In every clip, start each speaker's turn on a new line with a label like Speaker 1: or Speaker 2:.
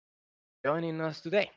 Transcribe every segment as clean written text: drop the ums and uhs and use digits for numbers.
Speaker 1: for joining us today.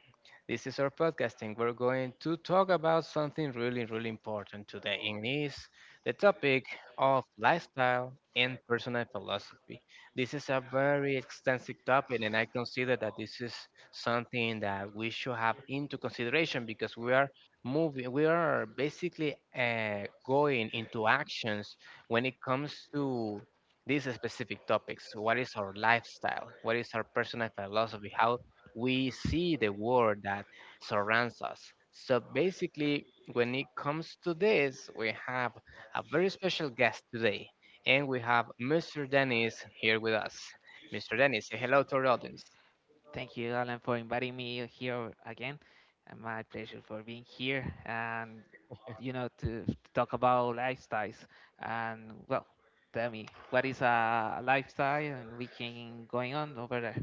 Speaker 1: This is our podcasting. We're going to talk about something really, really important today, and is the topic of lifestyle and personal philosophy. This is a very extensive topic, and I consider that this is something that we should have into consideration because we are moving, we are basically going into actions when it comes to these specific topics. What is our lifestyle? What is our personal philosophy? How we see the world that surrounds us. So basically, when it comes to this, we have a very special guest today, and we have Mr. Dennis here with us. Mr. Dennis, say hello to our audience.
Speaker 2: Thank you, Alan, for inviting me here again. And my pleasure for being here and, to, talk about lifestyles. And, well, tell me, what is a lifestyle and we can going on over there?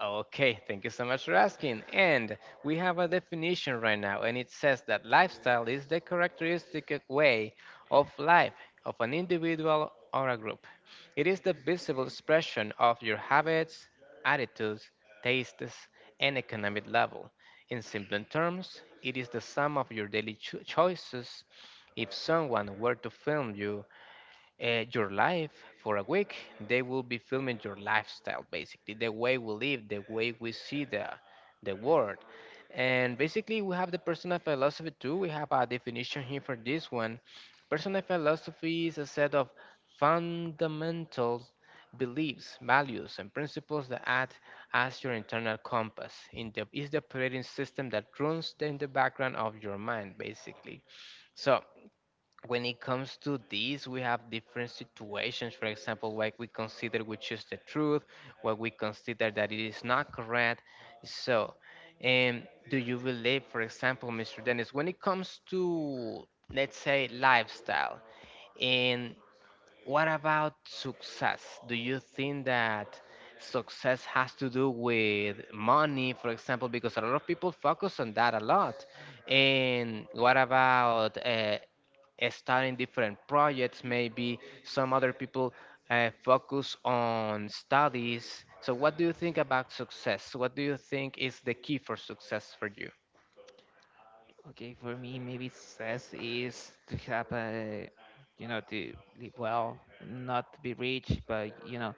Speaker 1: Okay, thank you so much for asking. And we have a definition right now, and it says that lifestyle is the characteristic of way of life of an individual or a group. It is the visible expression of your habits, attitudes, tastes, and economic level. In simple terms, it is the sum of your daily choices. If someone were to film you, your life for a week. They will be filming your lifestyle, basically, the way we live, the way we see the world. And basically, we have the personal philosophy too. We have a definition here for this one. Personal philosophy is a set of fundamental beliefs, values, and principles that act as your internal compass. In the is the operating system that runs in the background of your mind, basically. So when it comes to this, we have different situations. For example, what we consider which is the truth, what we consider that it is not correct. So, um, do you believe, for example, Mr. Dennis, when it comes to, let's say, lifestyle, and what about success? Do you think that success has to do with money, for example? Because a lot of people focus on that a lot. And what about starting different projects? Maybe some other people focus on studies. So, what do you think about success? What do you think is the key for success for you?
Speaker 2: Okay, for me, maybe success is to have a, to live well, not to be rich, but,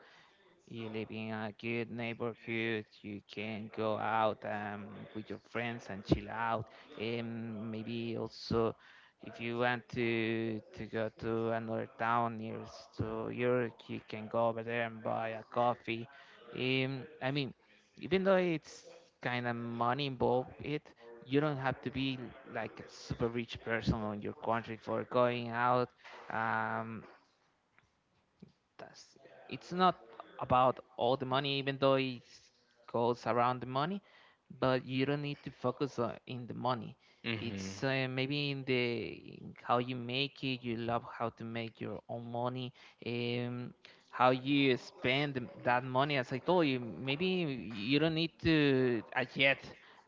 Speaker 2: you live in a good neighborhood. You can go out with your friends and chill out. Maybe also, if you want to go to another town near to York, you can go over there and buy a coffee. I mean, even though it's kind of money involved, it you don't have to be like a super rich person on your country for going out. Um, that's it's not about all the money, even though it goes around the money, but you don't need to focus on in the money.
Speaker 1: hmm
Speaker 2: It's maybe in how you make it. You love how to make your own money, um how you spend that money. As I told you, maybe you don't need to, yet,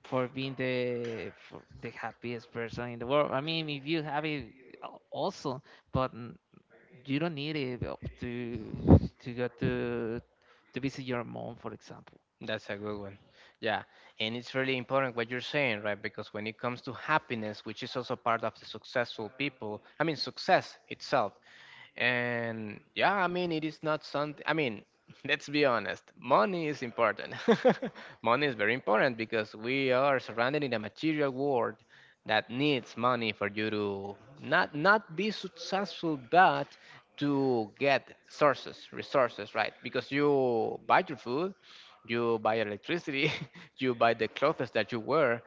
Speaker 2: for being the for the happiest person in the world. I mean, if you have it, also, but you don't need it, to go to visit your mom, for example.
Speaker 1: That's a good one. Yeah. And it's really important what you're saying, right? Because when it comes to happiness, which is also part of the successful people, I mean, success itself, and yeah, I mean, it is not something, I mean, let's be honest, money is important. Money is very important because we are surrounded in a material world that needs money for you to not be successful, but to get sources, resources, right? Because you buy your food, you buy electricity, you buy the clothes that you wear,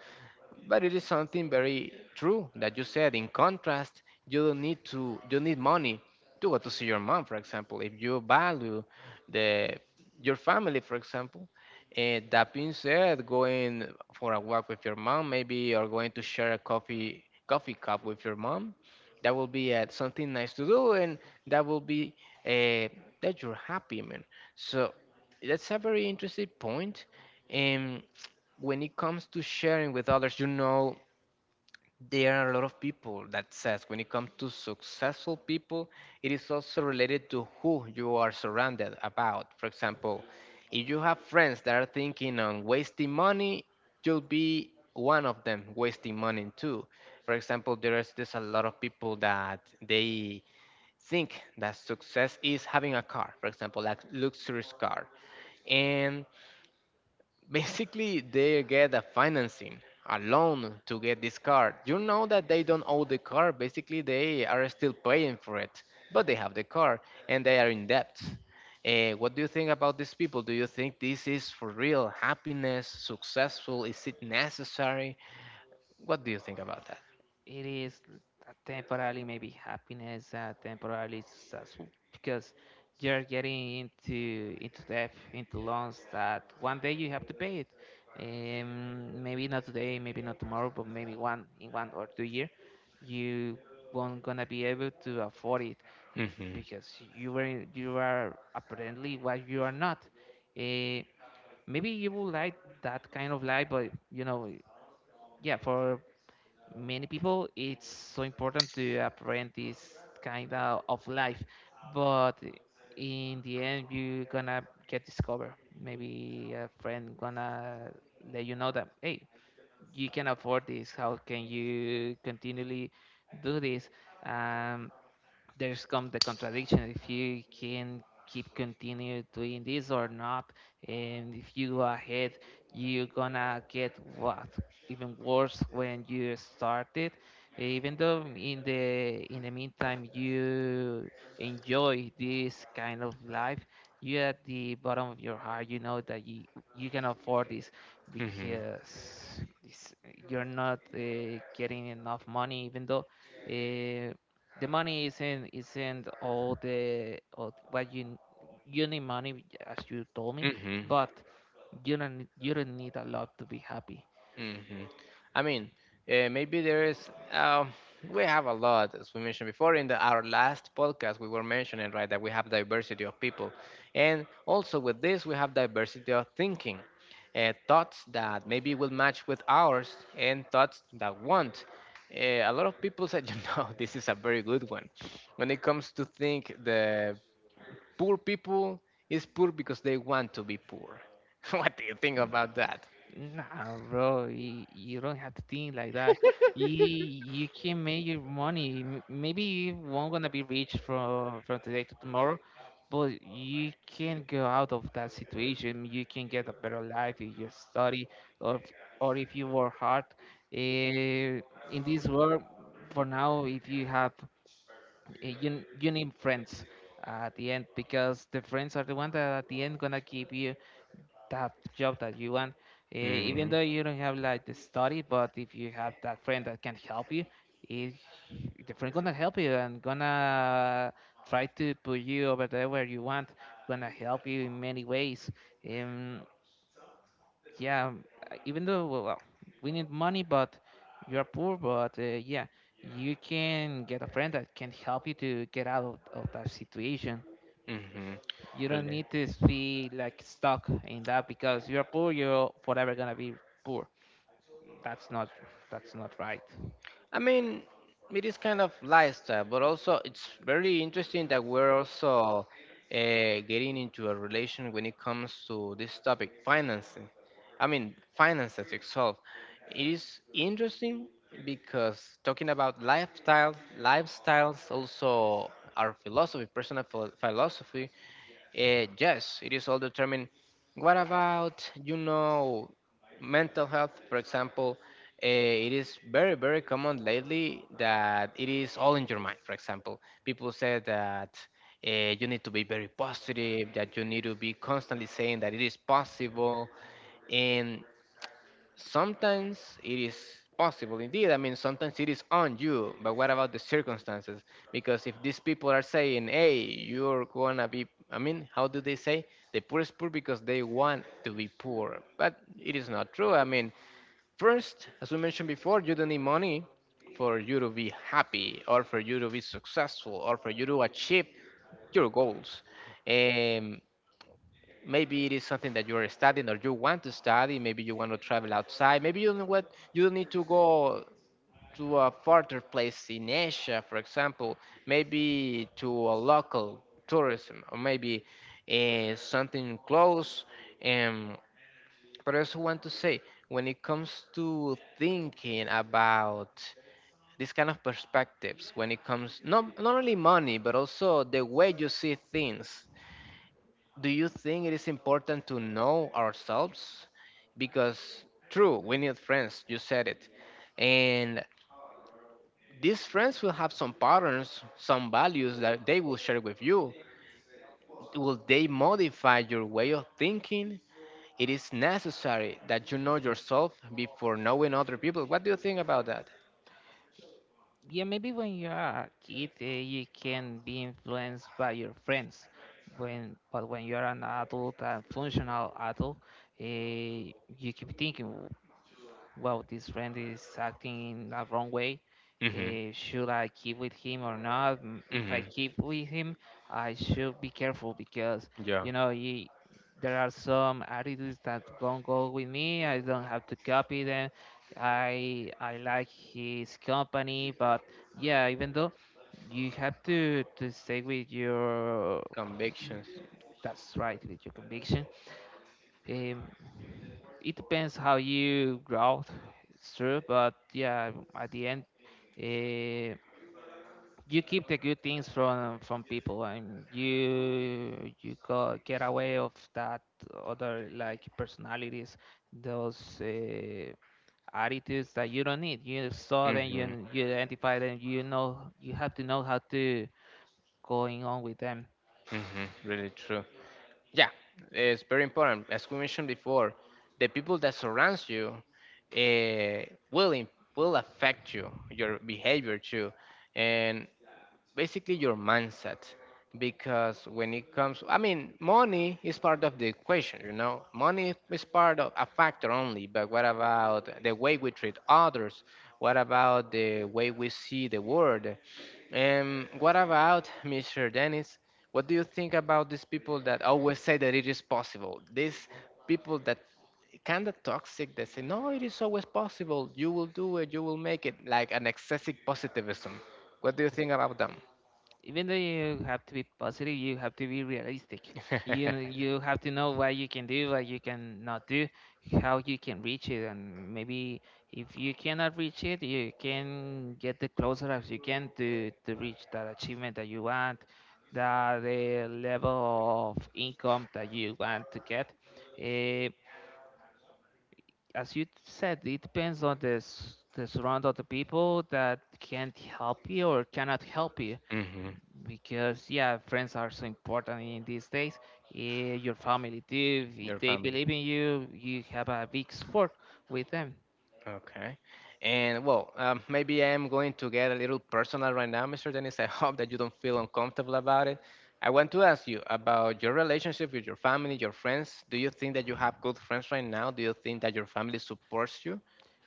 Speaker 1: but it is something very true that you said. In contrast, you don't need to you need money to go to see your mom, for example. If you value the your family, for example, that being said, going for a walk with your mom, maybe or going to share a coffee cup with your mom, that will be something nice to do, and that will be uh, that you're happy, man. So that's a very interesting point. Um, when it comes to sharing with others, you know, there are a lot of people that says when it comes to successful people it is also related to who you are surrounded about. For example, if you have friends that are thinking on wasting money, you'll be one of them wasting money too. For example, there is this a lot of people that they think that success is having a car, for example, like luxurious car. And basically, they get a financing, a loan to get this car. You know that they don't own the car. Basically, they are still paying for it, but they have the car and they are in debt. What do you think about these people? Do you think this is for real happiness, successful? Is it necessary? What do you think about that?
Speaker 2: It is a temporarily maybe happiness, temporarily successful because you're getting into debt, into loans that one day you have to pay it. Maybe not today, maybe not tomorrow, but maybe 1 or 2 year, you won't gonna be able to afford it
Speaker 1: hmm
Speaker 2: because you are apparently what you are not. Um, Maybe you will like that kind of life, but for many people it's so important to apprend this kind of life. But in the end, you gonna get discovered. Maybe a friend gonna let you know that, hey, you can afford this, how can you continually do this? um there's come the contradiction: if you can keep continue doing this or not. And if you go ahead, you're gonna get what even worse when you start it, even though in the meantime you enjoy this kind of life. You, at the bottom of your heart, you know that you can afford this
Speaker 1: hmm
Speaker 2: because you're not, getting enough money. Even though, eh, the money isn't all, the all what you you need money, as you told me,
Speaker 1: Mm-hmm.
Speaker 2: but you don't need a lot to be happy.
Speaker 1: Mm-hmm. I mean, maybe there is. Um, we have a lot, as we mentioned before in our last podcast. We were mentioning right that we have diversity of people, and also with this we have diversity of thinking, thoughts that maybe will match with ours, and thoughts that won't. Uh, a lot of people said, you know, this is a very good one. When it comes to think the poor people is poor because they want to be poor. What do you think about that?
Speaker 2: Nah, bro, you don't have to think like that. You can make your money. Maybe you won't gonna be rich from today to tomorrow, but you can go out of that situation. You can get a better life if you study or or if you work hard. Eh, in this world, for now, if you have eh, you need friends at the end, because the friends are the one that at the end gonna keep you that job that you want, even
Speaker 1: hmm
Speaker 2: though you don't have like the study. But if you have that friend that can help you, it, the friend gonna help you and gonna try to put you over there where you want, gonna help you in many ways. um yeah, even though, well, we need money, but you're poor, but, yeah, you can get a friend that can help you to get out of that situation.
Speaker 1: hmm
Speaker 2: You don't
Speaker 1: Really.
Speaker 2: need to be like stuck in that because you're poor, you're forever gonna be poor. That's not that's not right.
Speaker 1: I mean, it is kind of lifestyle, but also it's very interesting that we're also getting into a relation when it comes to this topic, financing. I mean, finances itself. It is interesting because talking about lifestyle, lifestyles also our philosophy, personal philosophy, yes, it is all determined. What about, you know, mental health, for example? It is very, very common lately that it is all in your mind, for example. People say that you need to be very positive, that you need to be constantly saying that it is possible. And sometimes it is possible indeed. I mean, sometimes it is on you, but what about the circumstances? Because if these people are saying, hey, you're gonna be, I mean, how do they say? The poor is poor because they want to be poor, but it is not true. I mean, first, as we mentioned before, you don't need money for you to be happy or for you to be successful or for you to achieve your goals. Um, Maybe it is something that you're studying or you want to study, maybe you want to travel outside, maybe you know what, you don't need to go to a farther place in Asia, for example, maybe to a local tourism, or maybe something close. um, but I also want to say when it comes to thinking about these kind of perspectives when it comes not only money but also the way you see things, do you think it is important to know ourselves? Because, true, we need friends, you said it. And these friends will have some patterns, some values that they will share with you. Will they modify your way of thinking? It is necessary that you know yourself before knowing other people. What do you think about that?
Speaker 2: Yeah, maybe when you're a kid, you can be influenced by your friends. When but when you're an adult, a functional adult, you keep thinking, wow, this friend is acting in the wrong way.
Speaker 1: hmm
Speaker 2: Should I keep with him or not? If I
Speaker 1: hmm
Speaker 2: keep with him, I should be careful because
Speaker 1: Yeah.
Speaker 2: you know you, there are some attitudes that don't go with me. I don't have to copy them. I like his company, but yeah, even though you have to stay with your,
Speaker 1: Convictions.
Speaker 2: that's right, with your conviction. um, it depends how you grow. It's true, but yeah, at the end, uh, you keep the good things from people, and you get away of that other like personalities, those, attitudes that you don't need. You saw them,
Speaker 1: hmm
Speaker 2: you identify them. You know you have to know how to going on with them.
Speaker 1: Really true. Yeah, it's very important. As we mentioned before, the people that surrounds you uh, will will affect you, your behavior too. And basically your mindset. Because when it comes, I mean, money is part of the equation, you know, money is part of a factor only. But what about the way we treat others? What about the way we see the world? And what about, Mr. Dennis, what do you think about these people that always say that it is possible, these people that kind of toxic that say, no, it is always possible, you will do it, you will make it, like an excessive positivism? What do you think about them?
Speaker 2: Even though you have to be positive, you have to be realistic. You know, you have to know what you can do, what you can not do, how you can reach it. And maybe if you cannot reach it, you can get the closer as you can to reach that achievement that you want, that the level of income that you want to get. Eh, as you said, it depends on the surround of the people that can't help you or cannot help you,
Speaker 1: hmm
Speaker 2: because yeah, friends are so important in these days. Your family too. If
Speaker 1: Your
Speaker 2: they
Speaker 1: family.
Speaker 2: believe in you have a big support with them.
Speaker 1: Okay. And well, maybe I'm going to get a little personal right now, Mr. Dennis. I hope that you don't feel uncomfortable about it. I want to ask you about your relationship with your family, your friends. Do you think that you have good friends right now? Do you think that your family supports you?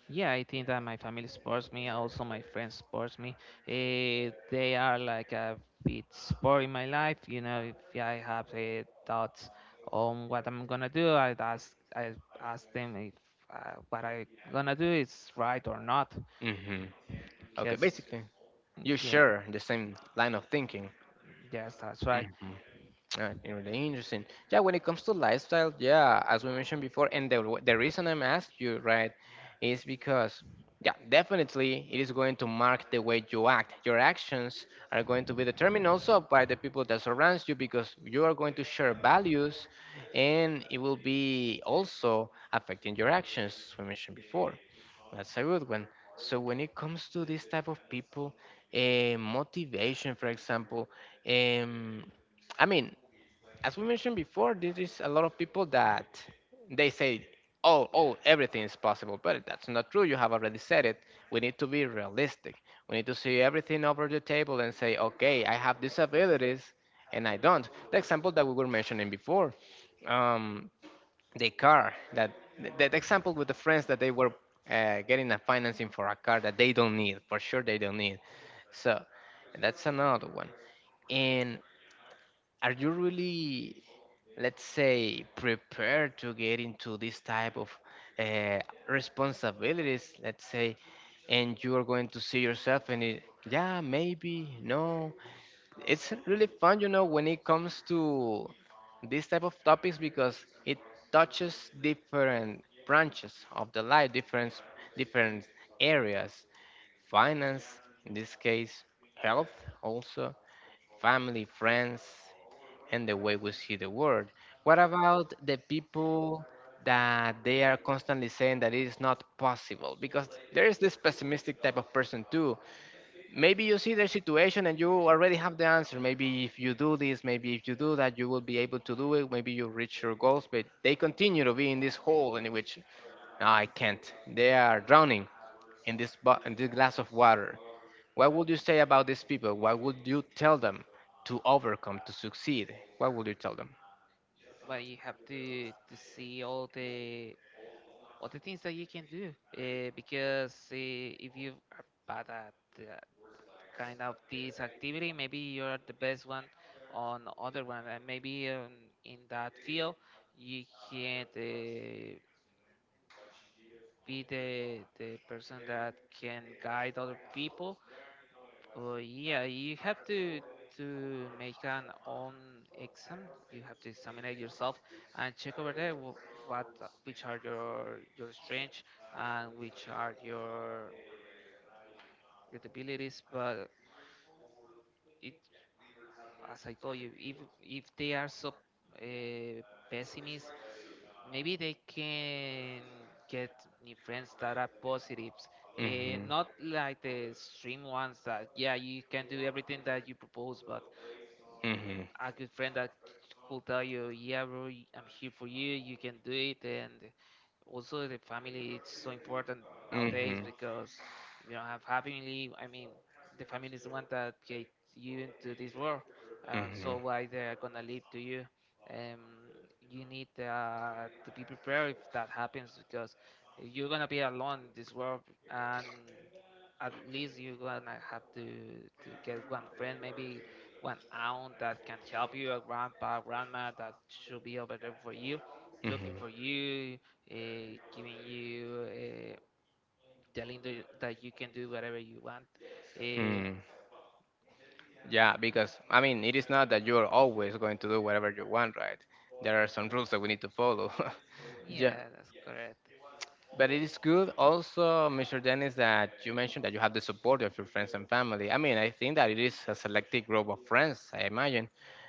Speaker 2: Yeah, I think that my family supports me, also my friends supports me. They are like a big support in my life. If I have, thoughts on what I'm gonna do, I ask them if, what I gonna do is right or not,
Speaker 1: Mm-hmm. Okay,
Speaker 2: because
Speaker 1: basically, you
Speaker 2: yeah,
Speaker 1: share the same line of thinking.
Speaker 2: yes, that's right.
Speaker 1: hmm really interesting. Yeah, when it comes to lifestyle, yeah, as we mentioned before, and the reason I'm asking you, right, is because yeah, definitely it is going to mark the way you act. Your actions are going to be determined also by the people that surrounds you because you are going to share values and it will be also affecting your actions, as we mentioned before. That's a good one. So when it comes to this type of people, motivation, for example, um, I mean, as we mentioned before, there is a lot of people that they say, "Oh, oh, everything is possible," but that's not true. You have already said it. We need to be realistic. We need to see everything over the table and say, "Okay, I have these abilities, and I don't." The example that we were mentioning before, um, the car that example with the friends that they were getting a financing for a car that they don't need, for sure they don't need. So that's another one. And are you really, let's say, prepared to get into this type of uh, responsibilities, let's say, and you are going to see yourself in it? Yeah, maybe no. It's really fun. When it comes to this type of topics, because it touches different branches of the life, different areas: finance in this case, health also, family, friends, and the way we see the world. What about the people that they are constantly saying that it is not possible? Because there is this pessimistic type of person too. Maybe you see their situation and you already have the answer. Maybe if you do this, maybe if you do that, you will be able to do it. Maybe you reach your goals, but they continue to be in this hole in which, "No, I can't." They are drowning in this, in this glass of water. What would you say about these people? What would you tell them to overcome, to succeed? What would you tell them?
Speaker 2: Well, you have to see all the things that you can do, because, if you are bad at, kind of this activity, maybe you're the best one on other one. And maybe, in that field you can, be the person that can guide other people. Well, yeah, you have to make an own exam. You have to examine it yourself and check over there, what which are your strengths and which are your debilities. But it, as I told you, if they are so, uh, pessimist, maybe they can get new friends that are positives.
Speaker 1: Hmm,
Speaker 2: Not
Speaker 1: hmm,
Speaker 2: like the extreme ones that, yeah, you can do everything that you propose, but
Speaker 1: hmm, hmm,
Speaker 2: a good
Speaker 1: hmm.
Speaker 2: friend that could tell you, yeah, bro, I'm here for you. You can do it. And also, the family it's so important nowadays, because if you don't have family, I mean, the family is the one that get you into this world. So why they are gonna leave to you? Um, you need, to be prepared if that happens, because you're gonna be alone in this world, and at least you're gonna have to get one friend, maybe one aunt that can help you, a grandpa, grandma that should be over there for you, looking for you, uh, giving you, telling you that you can do whatever you want. Uh,
Speaker 1: Mm. Yeah, because, I mean, it is not that, yeah, you are always going to do whatever you want, right? There are some rules that we need to follow. Yeah.
Speaker 2: yeah, that's correct.
Speaker 1: But it is good also, Mr. Dennis, that you mentioned that you have the support of your friends and family. I mean, I think that it is a selective group of friends, I imagine.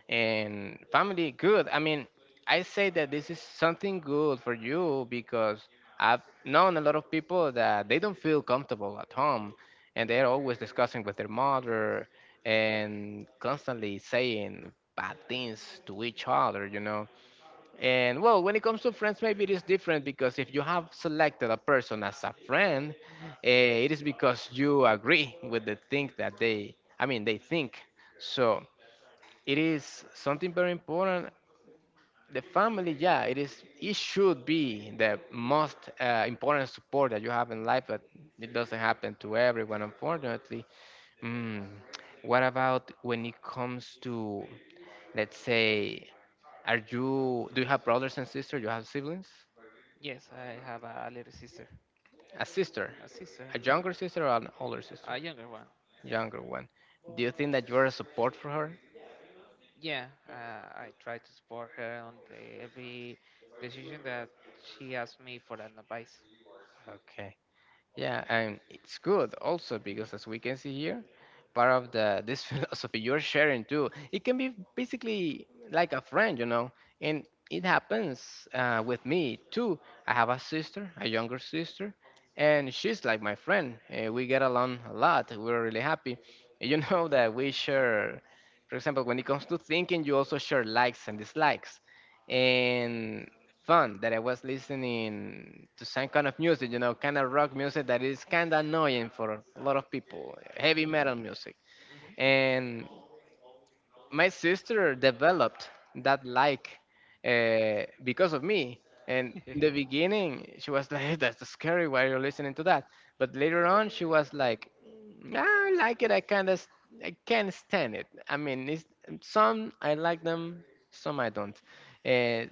Speaker 1: And family, good. I mean, I say that this is something good for you because I've known a lot of people that they don't feel comfortable at home and they're always discussing with their mother and constantly saying bad things to each other. And well, when it comes to friends, maybe it is different because if you have selected a person as a friend, it is because you agree with the thing that they think. So it is something very important. The family, yeah, it is. It should be the most important support that you have in life, but it doesn't happen to everyone, unfortunately. Mm. What about when it comes to, let's say, are you? Do you have brothers and sisters? You have siblings?
Speaker 2: Yes, I have a little sister,
Speaker 1: A sister,
Speaker 2: a sister,
Speaker 1: a younger sister or an older sister?
Speaker 2: a younger one. Yeah,
Speaker 1: Younger one. Do you think that you are a support for her?
Speaker 2: yeah. I try to support her on every decision that she asks me for an advice.
Speaker 1: Okay. Yeah, and it's good also because, as we can see here, part of the this philosophy you're sharing too, it can be basically like a friend, and it happens with me too. I have a sister, a younger sister, and she's like my friend. We get along a lot. We're really happy. You know that we share, for example, when it comes to thinking, you also share likes and dislikes, and fun that I was listening to some kind of music, kind of rock music that is kind of annoying for a lot of people, heavy metal music.
Speaker 2: Mm-hmm.
Speaker 1: And my sister developed that like because of me. And in the
Speaker 2: Hmm.
Speaker 1: beginning, she was like, "Hey, that's scary. Why you're listening to that?" But later on, she was like, "Mm, I like it. I kind of, I can't stand it. I mean, it's, some I like them, some I don't." Uh,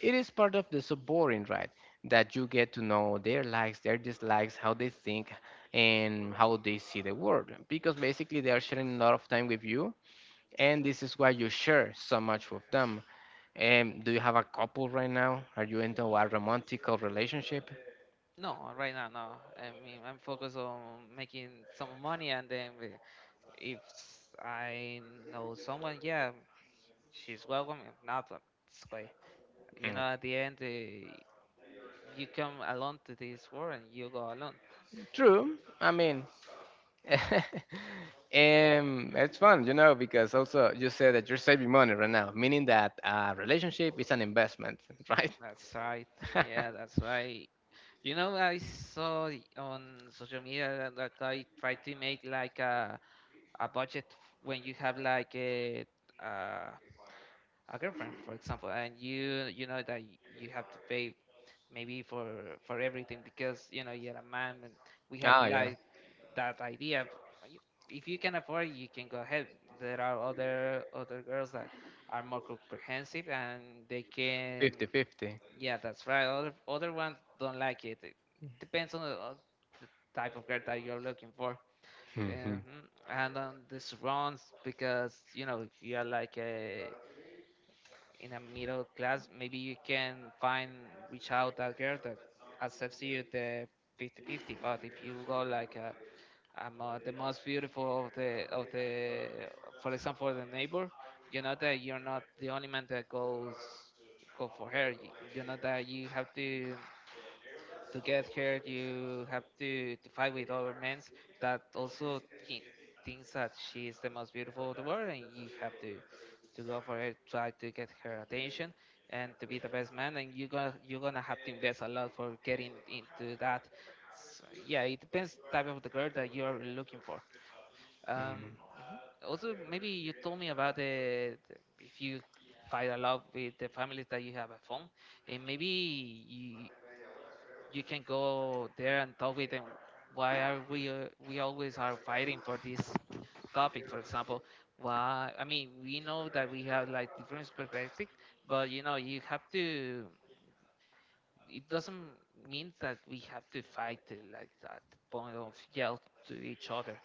Speaker 1: it is part of the subordinate, right, that you get to know their likes, their dislikes, how they think and how they see the world, because basically they are sharing a lot of time with you, and this is why you share so much with them. And do you have a couple right now? Are you into a romantic relationship?
Speaker 2: No, right now, no. I mean, I'm focused on making some money, and then if I know someone, yeah, she's welcome. If not, it's okay. You
Speaker 1: Mm,
Speaker 2: know, at the end, you come alone to this world, and you go alone.
Speaker 1: true. I mean, um, it's fun, because also you said that you're saving money right now, meaning that a relationship is an investment, right?
Speaker 2: That's right. Yeah, that's right. You know, I saw on social media that guy tried to make like a budget, when you have like uh, a girlfriend, for example, and you know that, you have to pay maybe for everything, because you know you're a man, and we have
Speaker 1: Ah, yeah,
Speaker 2: like that idea of, y- if you can afford it, you can go ahead. There are other girls that are more comprehensive and they can,
Speaker 1: 50-50.
Speaker 2: yeah, that's right. Other ones don't like it. It depends on on the type of girl that you're looking for. Mhm.
Speaker 1: Mhm.
Speaker 2: And on the surrounds, because if you are like a in a middle class, maybe you can find reach out that girl that accepts you the fifty-fifty. But if you go like I'm, the most beautiful of the for example, the neighbor, you know that you're not the only man that goes go for her. You know that you have to get here. You have to fight with other men that also thi- thinks that she is the most beautiful of the world, and you have to go for her, try to get her attention and to be the best man. And you're gonna have to invest a lot for getting into that. So, yeah, it depends type of the girl that you're looking for. um
Speaker 1: Mhm.
Speaker 2: mhm. Also maybe you told me about the if you fight a lot with the families that you have at home and maybe you can go there and talk with them. Why are we always are fighting for this topic? For example, why? I mean, we know that we have like different perspectives, but you know, you have to. It doesn't mean that we have to fight like that point of yell to each other.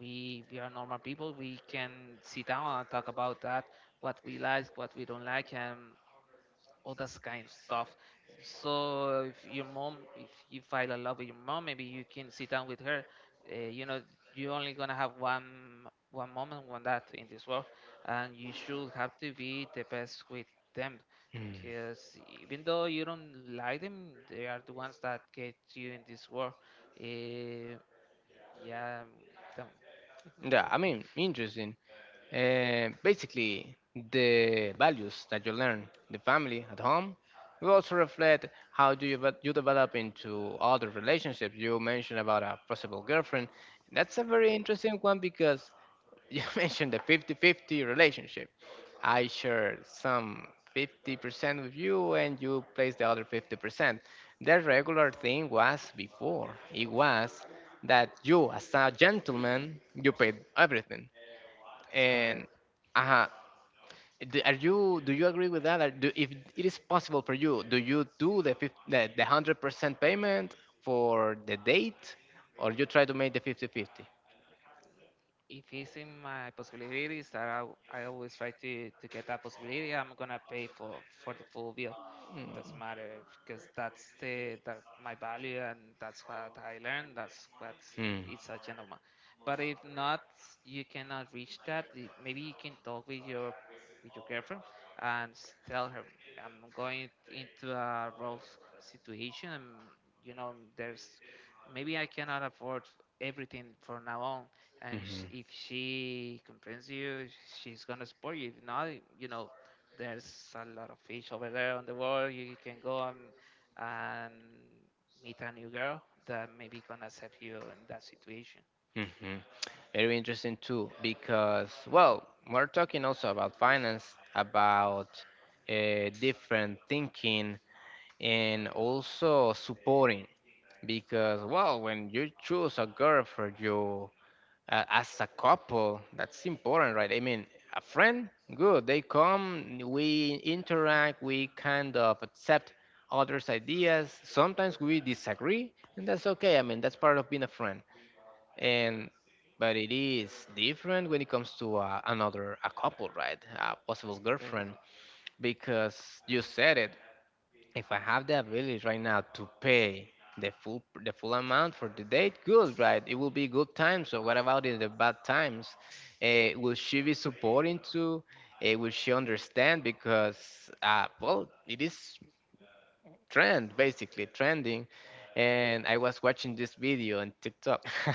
Speaker 2: We are normal people. We can sit down and talk about that, what we like, what we don't like, and all that kind of stuff. So if your mom, if you fall in love with your mom, maybe you can sit down with her. Uh, you know, you're only gonna have one moment, one that in this world, and you should have to be the best with them.
Speaker 1: Mm.
Speaker 2: Because even though you don't like them, they are the ones that get you in this world. Uh, yeah, that-
Speaker 1: Yeah, I mean, interesting. Basically, the values that you learn, the family at home, will also reflect how do you develop into other relationships. You mentioned about a possible girlfriend. That's a very interesting one because you mentioned the 50-50 relationship. I share some 50% with you and you place the other 50%. The regular thing was before. It was that you, as a gentleman, you paid everything
Speaker 2: that's
Speaker 1: and
Speaker 2: correct.
Speaker 1: uh, do you agree with that? If it is possible for you do the fif- the 100% payment for the date, or you try to make the 50 50?
Speaker 2: If it's in my possibilities that I always try to get that possibility, I'm gonna pay for the full bill. It doesn't matter because that's the that my value and that's what I learned. That's what's
Speaker 1: Hmm. Mm.
Speaker 2: it's a gentleman. But if not, you cannot reach that. Maybe you can talk with your girlfriend and tell her I'm going into a rough situation. You know, there's maybe I cannot
Speaker 1: Mm.
Speaker 2: afford everything from now on and
Speaker 1: Mhm.
Speaker 2: if she comprehends you, she's gonna support you. If not, you know, there's a lot of fish over there on the world. You can go and meet a new girl that maybe gonna accept you in that situation.
Speaker 1: Mhm. Very interesting too, because, well, we're talking also about finance, about different thinking, and also supporting. Because, well, when you choose a girl for your as a couple, that's important, right? I mean, a friend, good, they come, we interact, we kind of accept others ideas, sometimes we disagree, and that's okay. I mean, that's part of being a friend. And but it is different when it comes to another, a couple, right, a
Speaker 2: That's
Speaker 1: possible
Speaker 2: correct.
Speaker 1: girlfriend, because you said it: if I have the ability right now to pay the full amount for the date, good, right? It will be good times. So what about in the bad times? Will she be supporting to? Will she understand? Because, well, it is trend, basically trending, and I was watching this video on TikTok.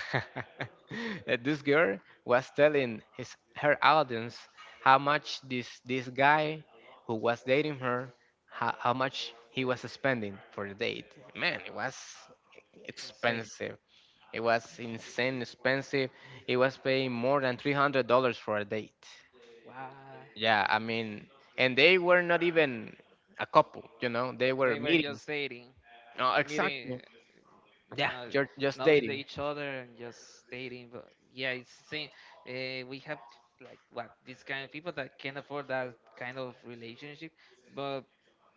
Speaker 1: And this girl was telling his her audience how much this guy who was dating her, how much he was spending for the date. Man, it was
Speaker 2: Insane.
Speaker 1: expensive, it was insane expensive. He was paying more than $300 for a date.
Speaker 2: Wow.
Speaker 1: Yeah, I mean, and they were not even a couple, you know, they were
Speaker 2: They were
Speaker 1: meeting.
Speaker 2: just dating,
Speaker 1: No,
Speaker 2: meeting,
Speaker 1: exactly.
Speaker 2: you
Speaker 1: Yeah,
Speaker 2: know,
Speaker 1: you're just
Speaker 2: knowing the
Speaker 1: dating.
Speaker 2: each other and just dating. But yeah, it's the same. We have like what these kind of people that can afford that kind of relationship, but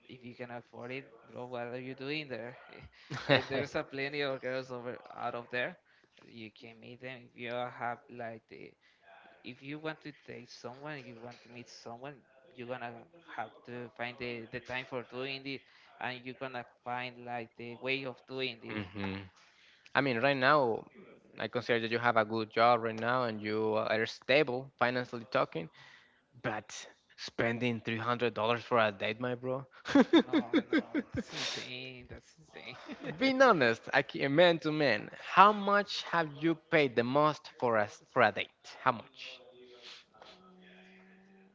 Speaker 2: if you can afford it, bro, what are you doing there? There's a plenty of girls over out of there. You can meet them if you have like the. If you want to date someone, you want to meet someone, you're gonna have to find the time for doing this, and you're gonna find like the way of doing this.
Speaker 1: Hmm. I mean, right now, I consider that you have a good job right now and you are stable financially talking, but spending $300 for a date, my bro.
Speaker 2: No, no, it's insane. That's insane.
Speaker 1: Being honest, I man to man, how much have you paid the most for a, for a date? How much?
Speaker 2: Mm,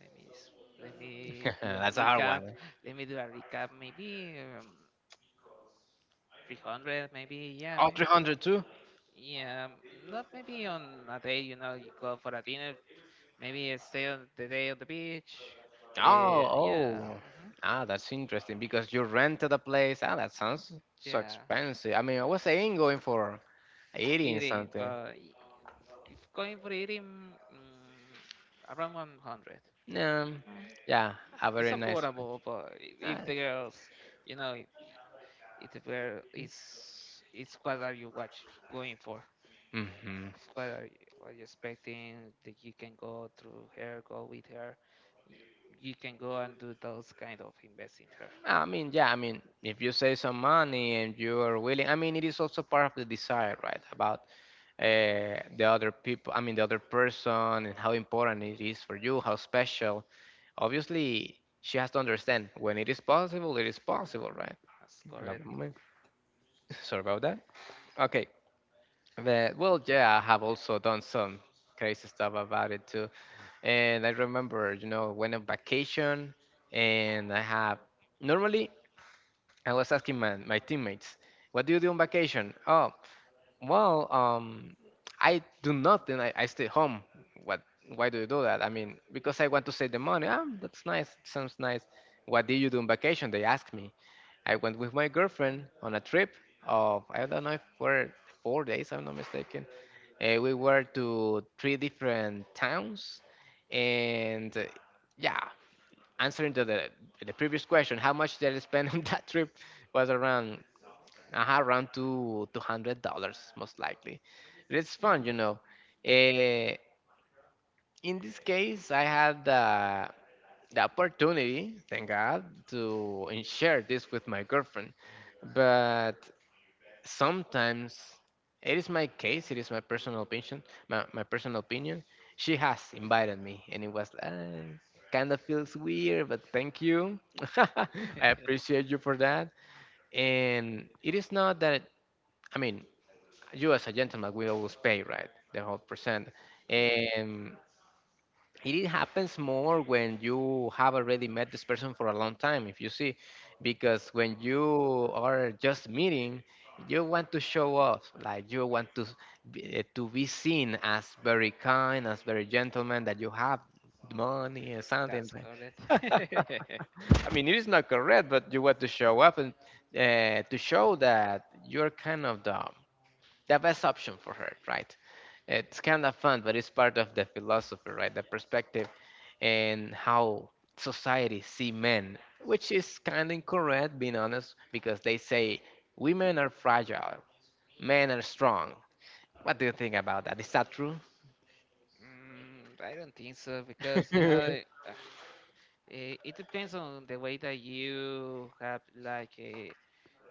Speaker 2: Let let me do a
Speaker 1: That's a hard one.
Speaker 2: recap. Let me do a recap. Maybe 300. Maybe yeah.
Speaker 1: Oh,
Speaker 2: Maybe
Speaker 1: 300 too?
Speaker 2: yeah. Not maybe on a day. You know, you go for a dinner. Maybe you stay on the day on the beach.
Speaker 1: Oh,
Speaker 2: Yeah.
Speaker 1: oh.
Speaker 2: Mhm,
Speaker 1: Ah, that's interesting because you rented a place. Ah, that
Speaker 2: mm.
Speaker 1: sounds so
Speaker 2: Yeah.
Speaker 1: expensive. I mean, I was saying going for eating
Speaker 2: Eating,
Speaker 1: something.
Speaker 2: but if going for eating, mm, around 100.
Speaker 1: Um, yeah, a
Speaker 2: It's
Speaker 1: very nice.
Speaker 2: affordable, but if
Speaker 1: Ah.
Speaker 2: the girls, you know, if the girl is, it's what are you watch going for?
Speaker 1: Mm-hmm.
Speaker 2: It's what are you expecting that you can go go with her? y- You can go and do those kind of invest in her.
Speaker 1: Ah, I mean, yeah, I mean, if you save some money and you are willing, I mean, it is also part of the desire, right? About the other people, I mean, the other person, and how important it is for you, how special. Obviously, she has to understand when it is
Speaker 2: Um,
Speaker 1: possible, right?
Speaker 2: That's
Speaker 1: I
Speaker 2: correct.
Speaker 1: love- Sorry about that. Okay. The, well, yeah, I have also done some crazy stuff about it too. And I remember, went on vacation and I have normally I was asking my teammates, what do you do on vacation? Oh, well, I do nothing. I stay home. What? Why do you do that? I mean, because I want to save the money. Ah, that's nice. Sounds nice. What do you do on vacation? They ask me. I went with my girlfriend on a trip of I don't know if were 4 days, I'm not mistaken. We were to three different towns, and yeah, answering to the previous question, how much did I spend on that trip was around two hundred dollars most likely. It's fun. Uh, in this case, I had the opportunity, thank God, to and share this with my girlfriend, but sometimes it is my case, it is my personal opinion, my personal opinion, she has invited me and it was kind of feels weird, but thank you, I appreciate you for that. And it is not that, I mean, you as a gentleman, we always pay, right, the whole percent.
Speaker 2: Correct.
Speaker 1: And it happens more when you have already met this person for a long time. If you see, because when you are just meeting, you want to show off, like you want to be seen as very kind, as very gentleman, that you have money or something,
Speaker 2: That's
Speaker 1: like,
Speaker 2: correct.
Speaker 1: I mean, it is not correct, but you want to show up and to show that you're kind of the best option for her, right? It's kind of fun. But it's part of the philosophy, right, the perspective and how society see men, which is kind of incorrect, being honest, because they say women are fragile, men are strong. What do you think about that? Is that true?
Speaker 2: Mm, I don't think so because you know. It depends on the way that you have like a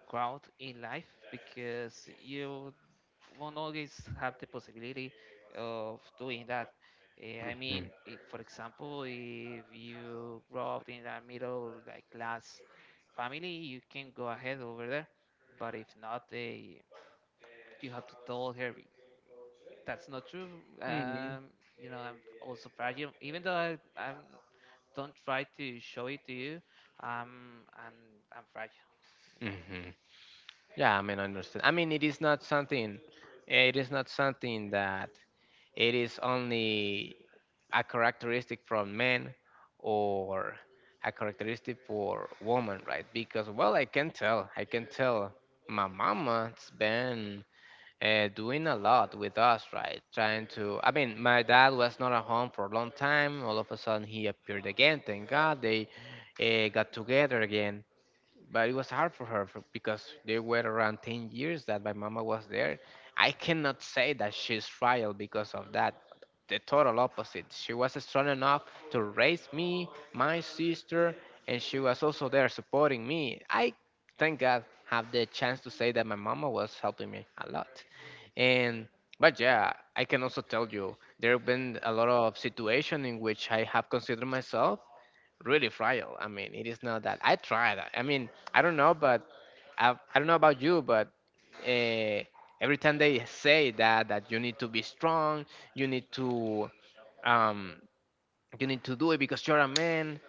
Speaker 2: growth in life because you won't always have the possibility of doing that. I mean, if, for example, if you grow up in a middle like class family, you can go ahead over there. But if not, you have to tell her that's not true. Um, you know, I'm also fragile, even though I'm don't try to show it to you. Um, I'm I'm fragile. You know.
Speaker 1: Hmm. Yeah, I mean, I understand. I mean, it is not something. It is not something that it is only a characteristic from men or a characteristic for women, right? Because, well, I can tell. I can tell. My mama's been doing a lot with us, right? Trying to. I mean, my dad was not at home for a long time. All of a sudden, he appeared again. Thank God they got together again, but it was hard for her because they were around 10 years that my mama was there. I cannot say that she's royal because of that, the total opposite. She was strong enough to raise me, my sister, and she was also there supporting me. I thank God have the chance to say that my mama was helping me a lot. And but
Speaker 2: Uh,
Speaker 1: yeah, I can also tell you there have been a lot of situation in which I have considered myself really fragile. I mean, it is not that. I tried. I mean, I don't know, but I don't know about you, but uh, every time they say that you need to be strong, you need to um, you need to do it because you're a man.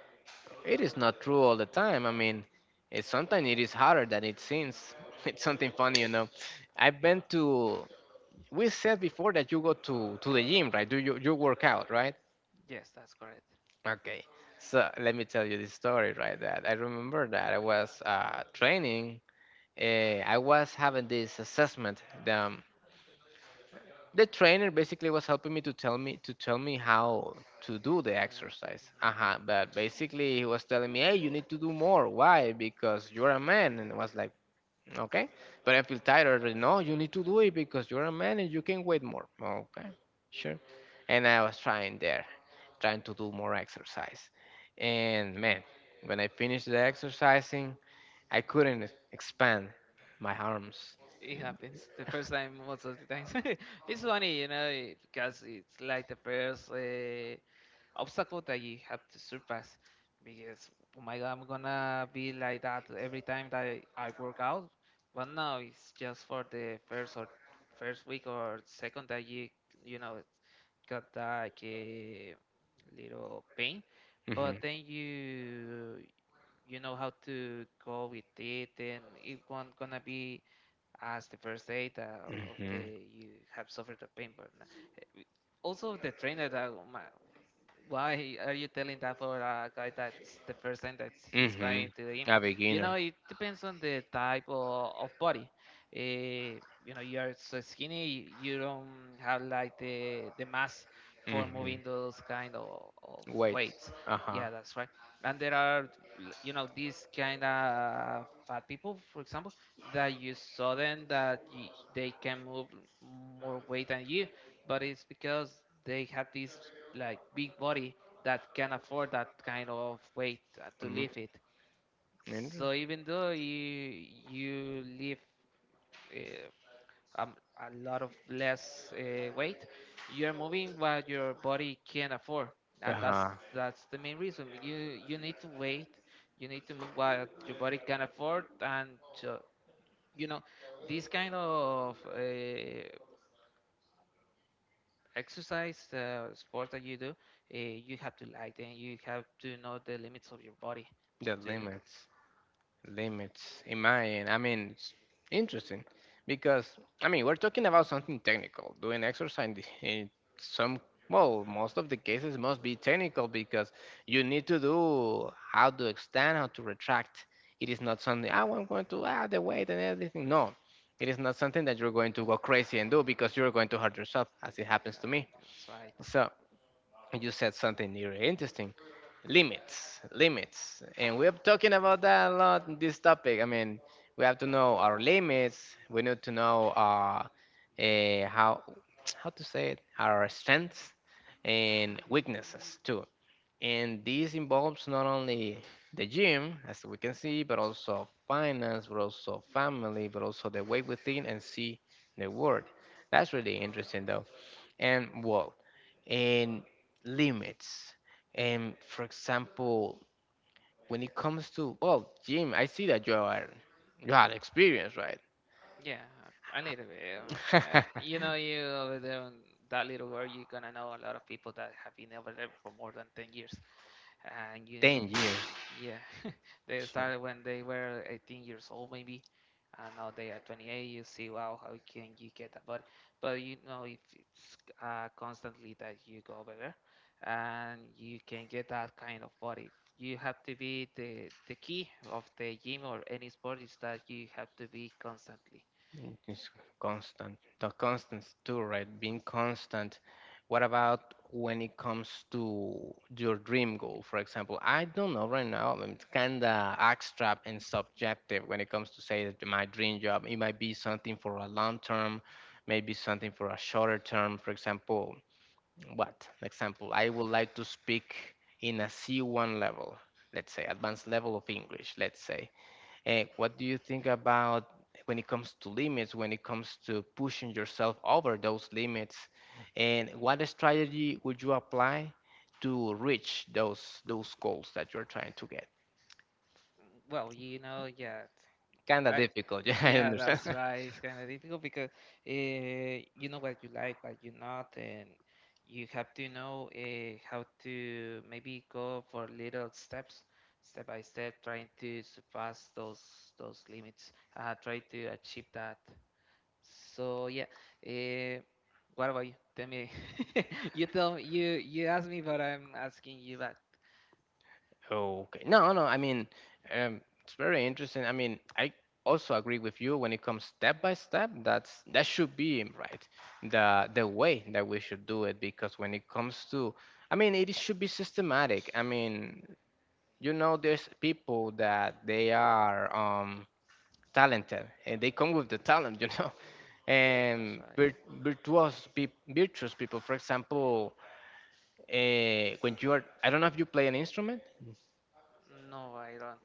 Speaker 1: It is not true all the time. I mean, sometimes it is harder than it seems. It's something funny, you know. I've been to. We said before that you go to the gym, right? Do you work out, right?
Speaker 2: yes, that's correct.
Speaker 1: Okay, so let me tell you this story, right? That I remember that I was training. I was having this assessment. The the trainer basically was helping me to tell me how to do the
Speaker 2: Uh,
Speaker 1: exercise.
Speaker 2: mhm.
Speaker 1: Uh-huh. But basically, he was telling me, "Hey, you need to do more. Why? Because you're a man." And I was like, "Okay, but I feel tired already." "No, you need to do it because you're a man, and you can wait more." "Okay, sure." And I was trying there, trying to do more exercise. And man, when I finished the exercising, I couldn't expand my arms.
Speaker 2: It happens the first time, most of the times. It's funny, you know, because it's like the first obstacle that you have to surpass. Because, oh my God, I'm gonna be like that every time that I work out. But no, it's just for the first or first week or second that you know, got like a little pain.
Speaker 1: Hmm.
Speaker 2: But then you know how to go with it, and it won't gonna be as the first day that of
Speaker 1: Hmm.
Speaker 2: the you have suffered the pain, but no, also the trainer that oh my, why are you telling that for a guy that's the first time that he's
Speaker 1: Hmm.
Speaker 2: going to the gym?
Speaker 1: A
Speaker 2: You know
Speaker 1: beginner.
Speaker 2: it depends on the type of body. Eh, you know you are so skinny you don't have like the mass for
Speaker 1: Hmm.
Speaker 2: moving those kind of
Speaker 1: Weight.
Speaker 2: weights.
Speaker 1: Uh huh.
Speaker 2: Yeah, that's right. And there are you know these kind of fat people for example that you saw them that y they can move more weight than you but it's because they have this like big body that can afford that kind of weight to
Speaker 1: Mhm.
Speaker 2: lift it. So
Speaker 1: Interesting.
Speaker 2: even though you lift uh, um, a lot of less weight, you're moving what your body can afford,
Speaker 1: Uh
Speaker 2: and
Speaker 1: huh.
Speaker 2: that's the main reason. You need to wait. You need to move what your body can afford, and uh, you know this kind of exercise, sports that you do, you have to like them. You have to know the limits of your body.
Speaker 1: The
Speaker 2: To
Speaker 1: limits. Limits. Imagine. I mean, it's interesting because I mean we're talking about something technical. Doing exercise in some, well, most of the cases must be technical because you need to do how to extend, how to retract. It is not something, oh, I'm going to add the weight and everything. No, it is not something that you're going to go crazy and do because you're going to hurt yourself, as it happens to me.
Speaker 2: That's right.
Speaker 1: So you said something really interesting: limits, limits. And we're talking about that a lot in this topic. I mean, we have to know our limits. We need to know eh, how how to say it, our strengths and weaknesses too. And this involves not only the gym, as we can see, but also finance, but also family, but also the way we think and see the world. That's really interesting, though. And well, and limits, and for example, when it comes to, well, jim, I see that you had experience, right?
Speaker 2: Yeah, a little bit. You know, you over there on that little world, you're gonna know a lot of people that have been over there for more than 10 years, and you.
Speaker 1: 10 years.
Speaker 2: Yeah, they
Speaker 1: Sure.
Speaker 2: started when they were 18 years old, maybe, and now they are 28. You see, wow, how can you get that body? But you know, if it's constantly that you go over there, and you can get that kind of body, you have to be the key of the gym or any sport is that you have to be constantly.
Speaker 1: Mm, it's constant. The constants too, right? Being
Speaker 2: Constant.
Speaker 1: constant. What about when it comes to your dream goal, for example? I don't know right now. I'm kinda abstract and subjective when it comes to say that my dream job. It might be something for a long term, maybe something for a shorter term. For example, what? Example, I would like to speak in a C1 level, let's say, advanced level of English, let's say. And what do you think about when it comes to limits, when it comes to pushing yourself over those limits? And what strategy would you apply to reach those goals that you're trying to get?
Speaker 2: Well, you know,
Speaker 1: Kind of
Speaker 2: I,
Speaker 1: difficult, yeah, I
Speaker 2: yeah,
Speaker 1: understand.
Speaker 2: that's right. It's kind of difficult because you know what you like, what you not, and you have to know how to maybe go for little steps, step by step, trying to surpass those limits, try to achieve that. So yeah, uh, what about you? Tell me. You tell me. You ask me, but I'm asking you back.
Speaker 1: Okay. No, no. I mean, it's very interesting. I mean, I also agree with you when it comes step by step. That's, that should be mm, right. The way that we should do it because when it comes to, I mean, it should be systematic. I mean, you know, there's people that they are talented and they come with the talent, you know,
Speaker 2: That's
Speaker 1: and
Speaker 2: right.
Speaker 1: virtuous peop virtuous people. For example, when you are, I don't know if you play an instrument.
Speaker 2: No, I don't.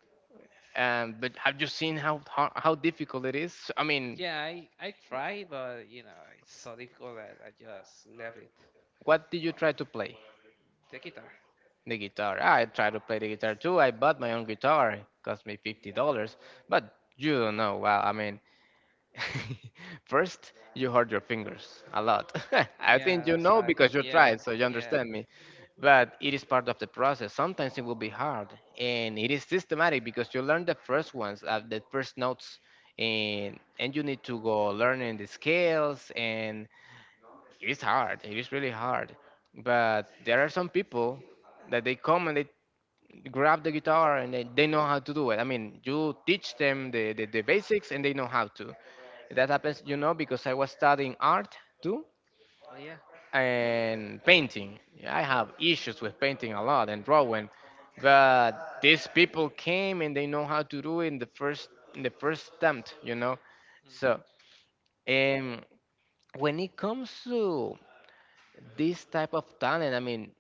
Speaker 1: But have you seen how, how difficult it is? I mean,
Speaker 2: Yeah, I try, but you know it's so difficult that I just left it.
Speaker 1: what did you try to play?
Speaker 2: The guitar.
Speaker 1: The guitar. I tried to play the guitar too. I bought my own guitar. It cost me $50. But you don't know. Well, I mean, first you hurt your fingers a lot. I
Speaker 2: Yeah,
Speaker 1: think you
Speaker 2: that's
Speaker 1: know
Speaker 2: why.
Speaker 1: because you
Speaker 2: Yeah,
Speaker 1: tried, so you
Speaker 2: yeah.
Speaker 1: understand me. But it is part of the process. Sometimes it will be hard, and it is systematic because you learn the first ones, the first notes, and you need to go learning the scales and it's hard. It is really hard. But there are some people that they come and they grab the guitar and they know how to do it. I mean, you teach them the basics and they know how to. That happens, you know, because I was studying art too
Speaker 2: Oh yeah.
Speaker 1: and painting. I have issues with painting a lot and drawing, but these people came and they know how to do it in the first attempt, you know. So,
Speaker 2: Hmm.
Speaker 1: um, when it comes to this type of talent, I mean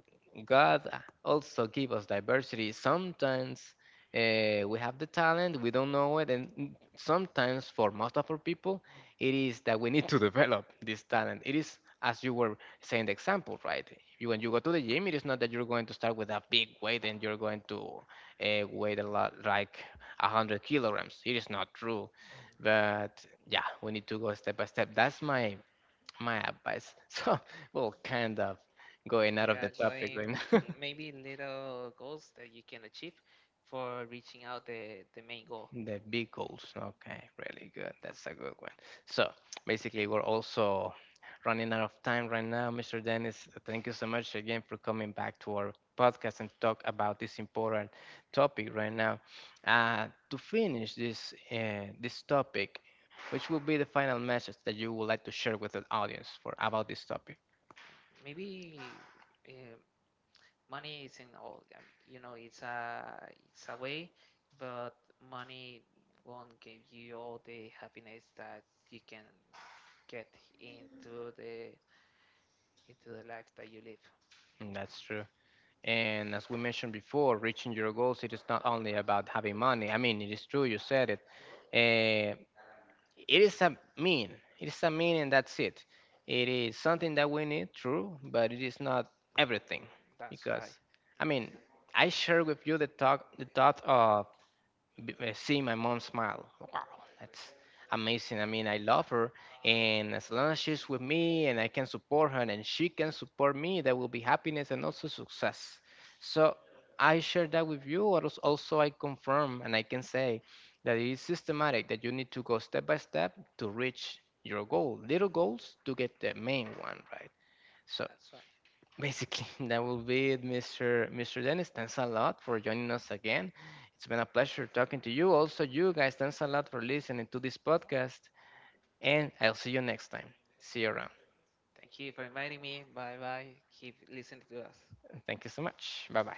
Speaker 1: God also give us diversity. Sometimes we have the talent, we don't know it, and sometimes for most of our people it is that we need to develop this talent. It is as you were saying, the example, right? You, when you go to the gym, it is not that you're going to start with a big weight and you're going to weight a lot like 100 kilograms. It is not true, but yeah, we need to go step by step. That's my advice. So we'll kind of going out of
Speaker 2: Yeah,
Speaker 1: the topic
Speaker 2: going
Speaker 1: right now.
Speaker 2: maybe little goals that you can achieve for reaching out the main goal.
Speaker 1: The big goals. Okay, really good. That's a good one. So basically, we're also running out of time right now, Mr. Dennis. Thank you so much again for coming back to our podcast and talk about this important topic right now. To finish this topic, which will be the final message that you would like to share with the audience for about this topic?
Speaker 2: Maybe um money isn't all. I mean, you know, it's a way, but money won't give you all the happiness that you can get into the into the life that you live.
Speaker 1: Mm, that's true. And as we mentioned before, reaching your goals, it is not only about having money. I mean, it is true, you said it. Eh, it is a mean. It is a mean, and that's it. It is something that we need, true, but it is not everything.
Speaker 2: That's
Speaker 1: Because,
Speaker 2: right.
Speaker 1: I mean, I share with you the, talk, the thought of see my mom smile. Wow, that's amazing. I mean, I love her, and as long as she's with me and I can support her and she can support me, there will be happiness and also success. So I share that with you. Or else. Also, I confirm and I can say that it is systematic that you need to go step by step to reach your goal. Little goals to get the main one, right? So
Speaker 2: That's right.
Speaker 1: basically, that will be it, Mr. Dennis. Thanks a lot for joining us again. It's been a pleasure talking to you. Also, you guys, thanks a lot for listening to this podcast. And I'll see you next time. See you around.
Speaker 2: Thank you for inviting me. Bye bye. Keep listening to us.
Speaker 1: Thank you so much. Bye bye.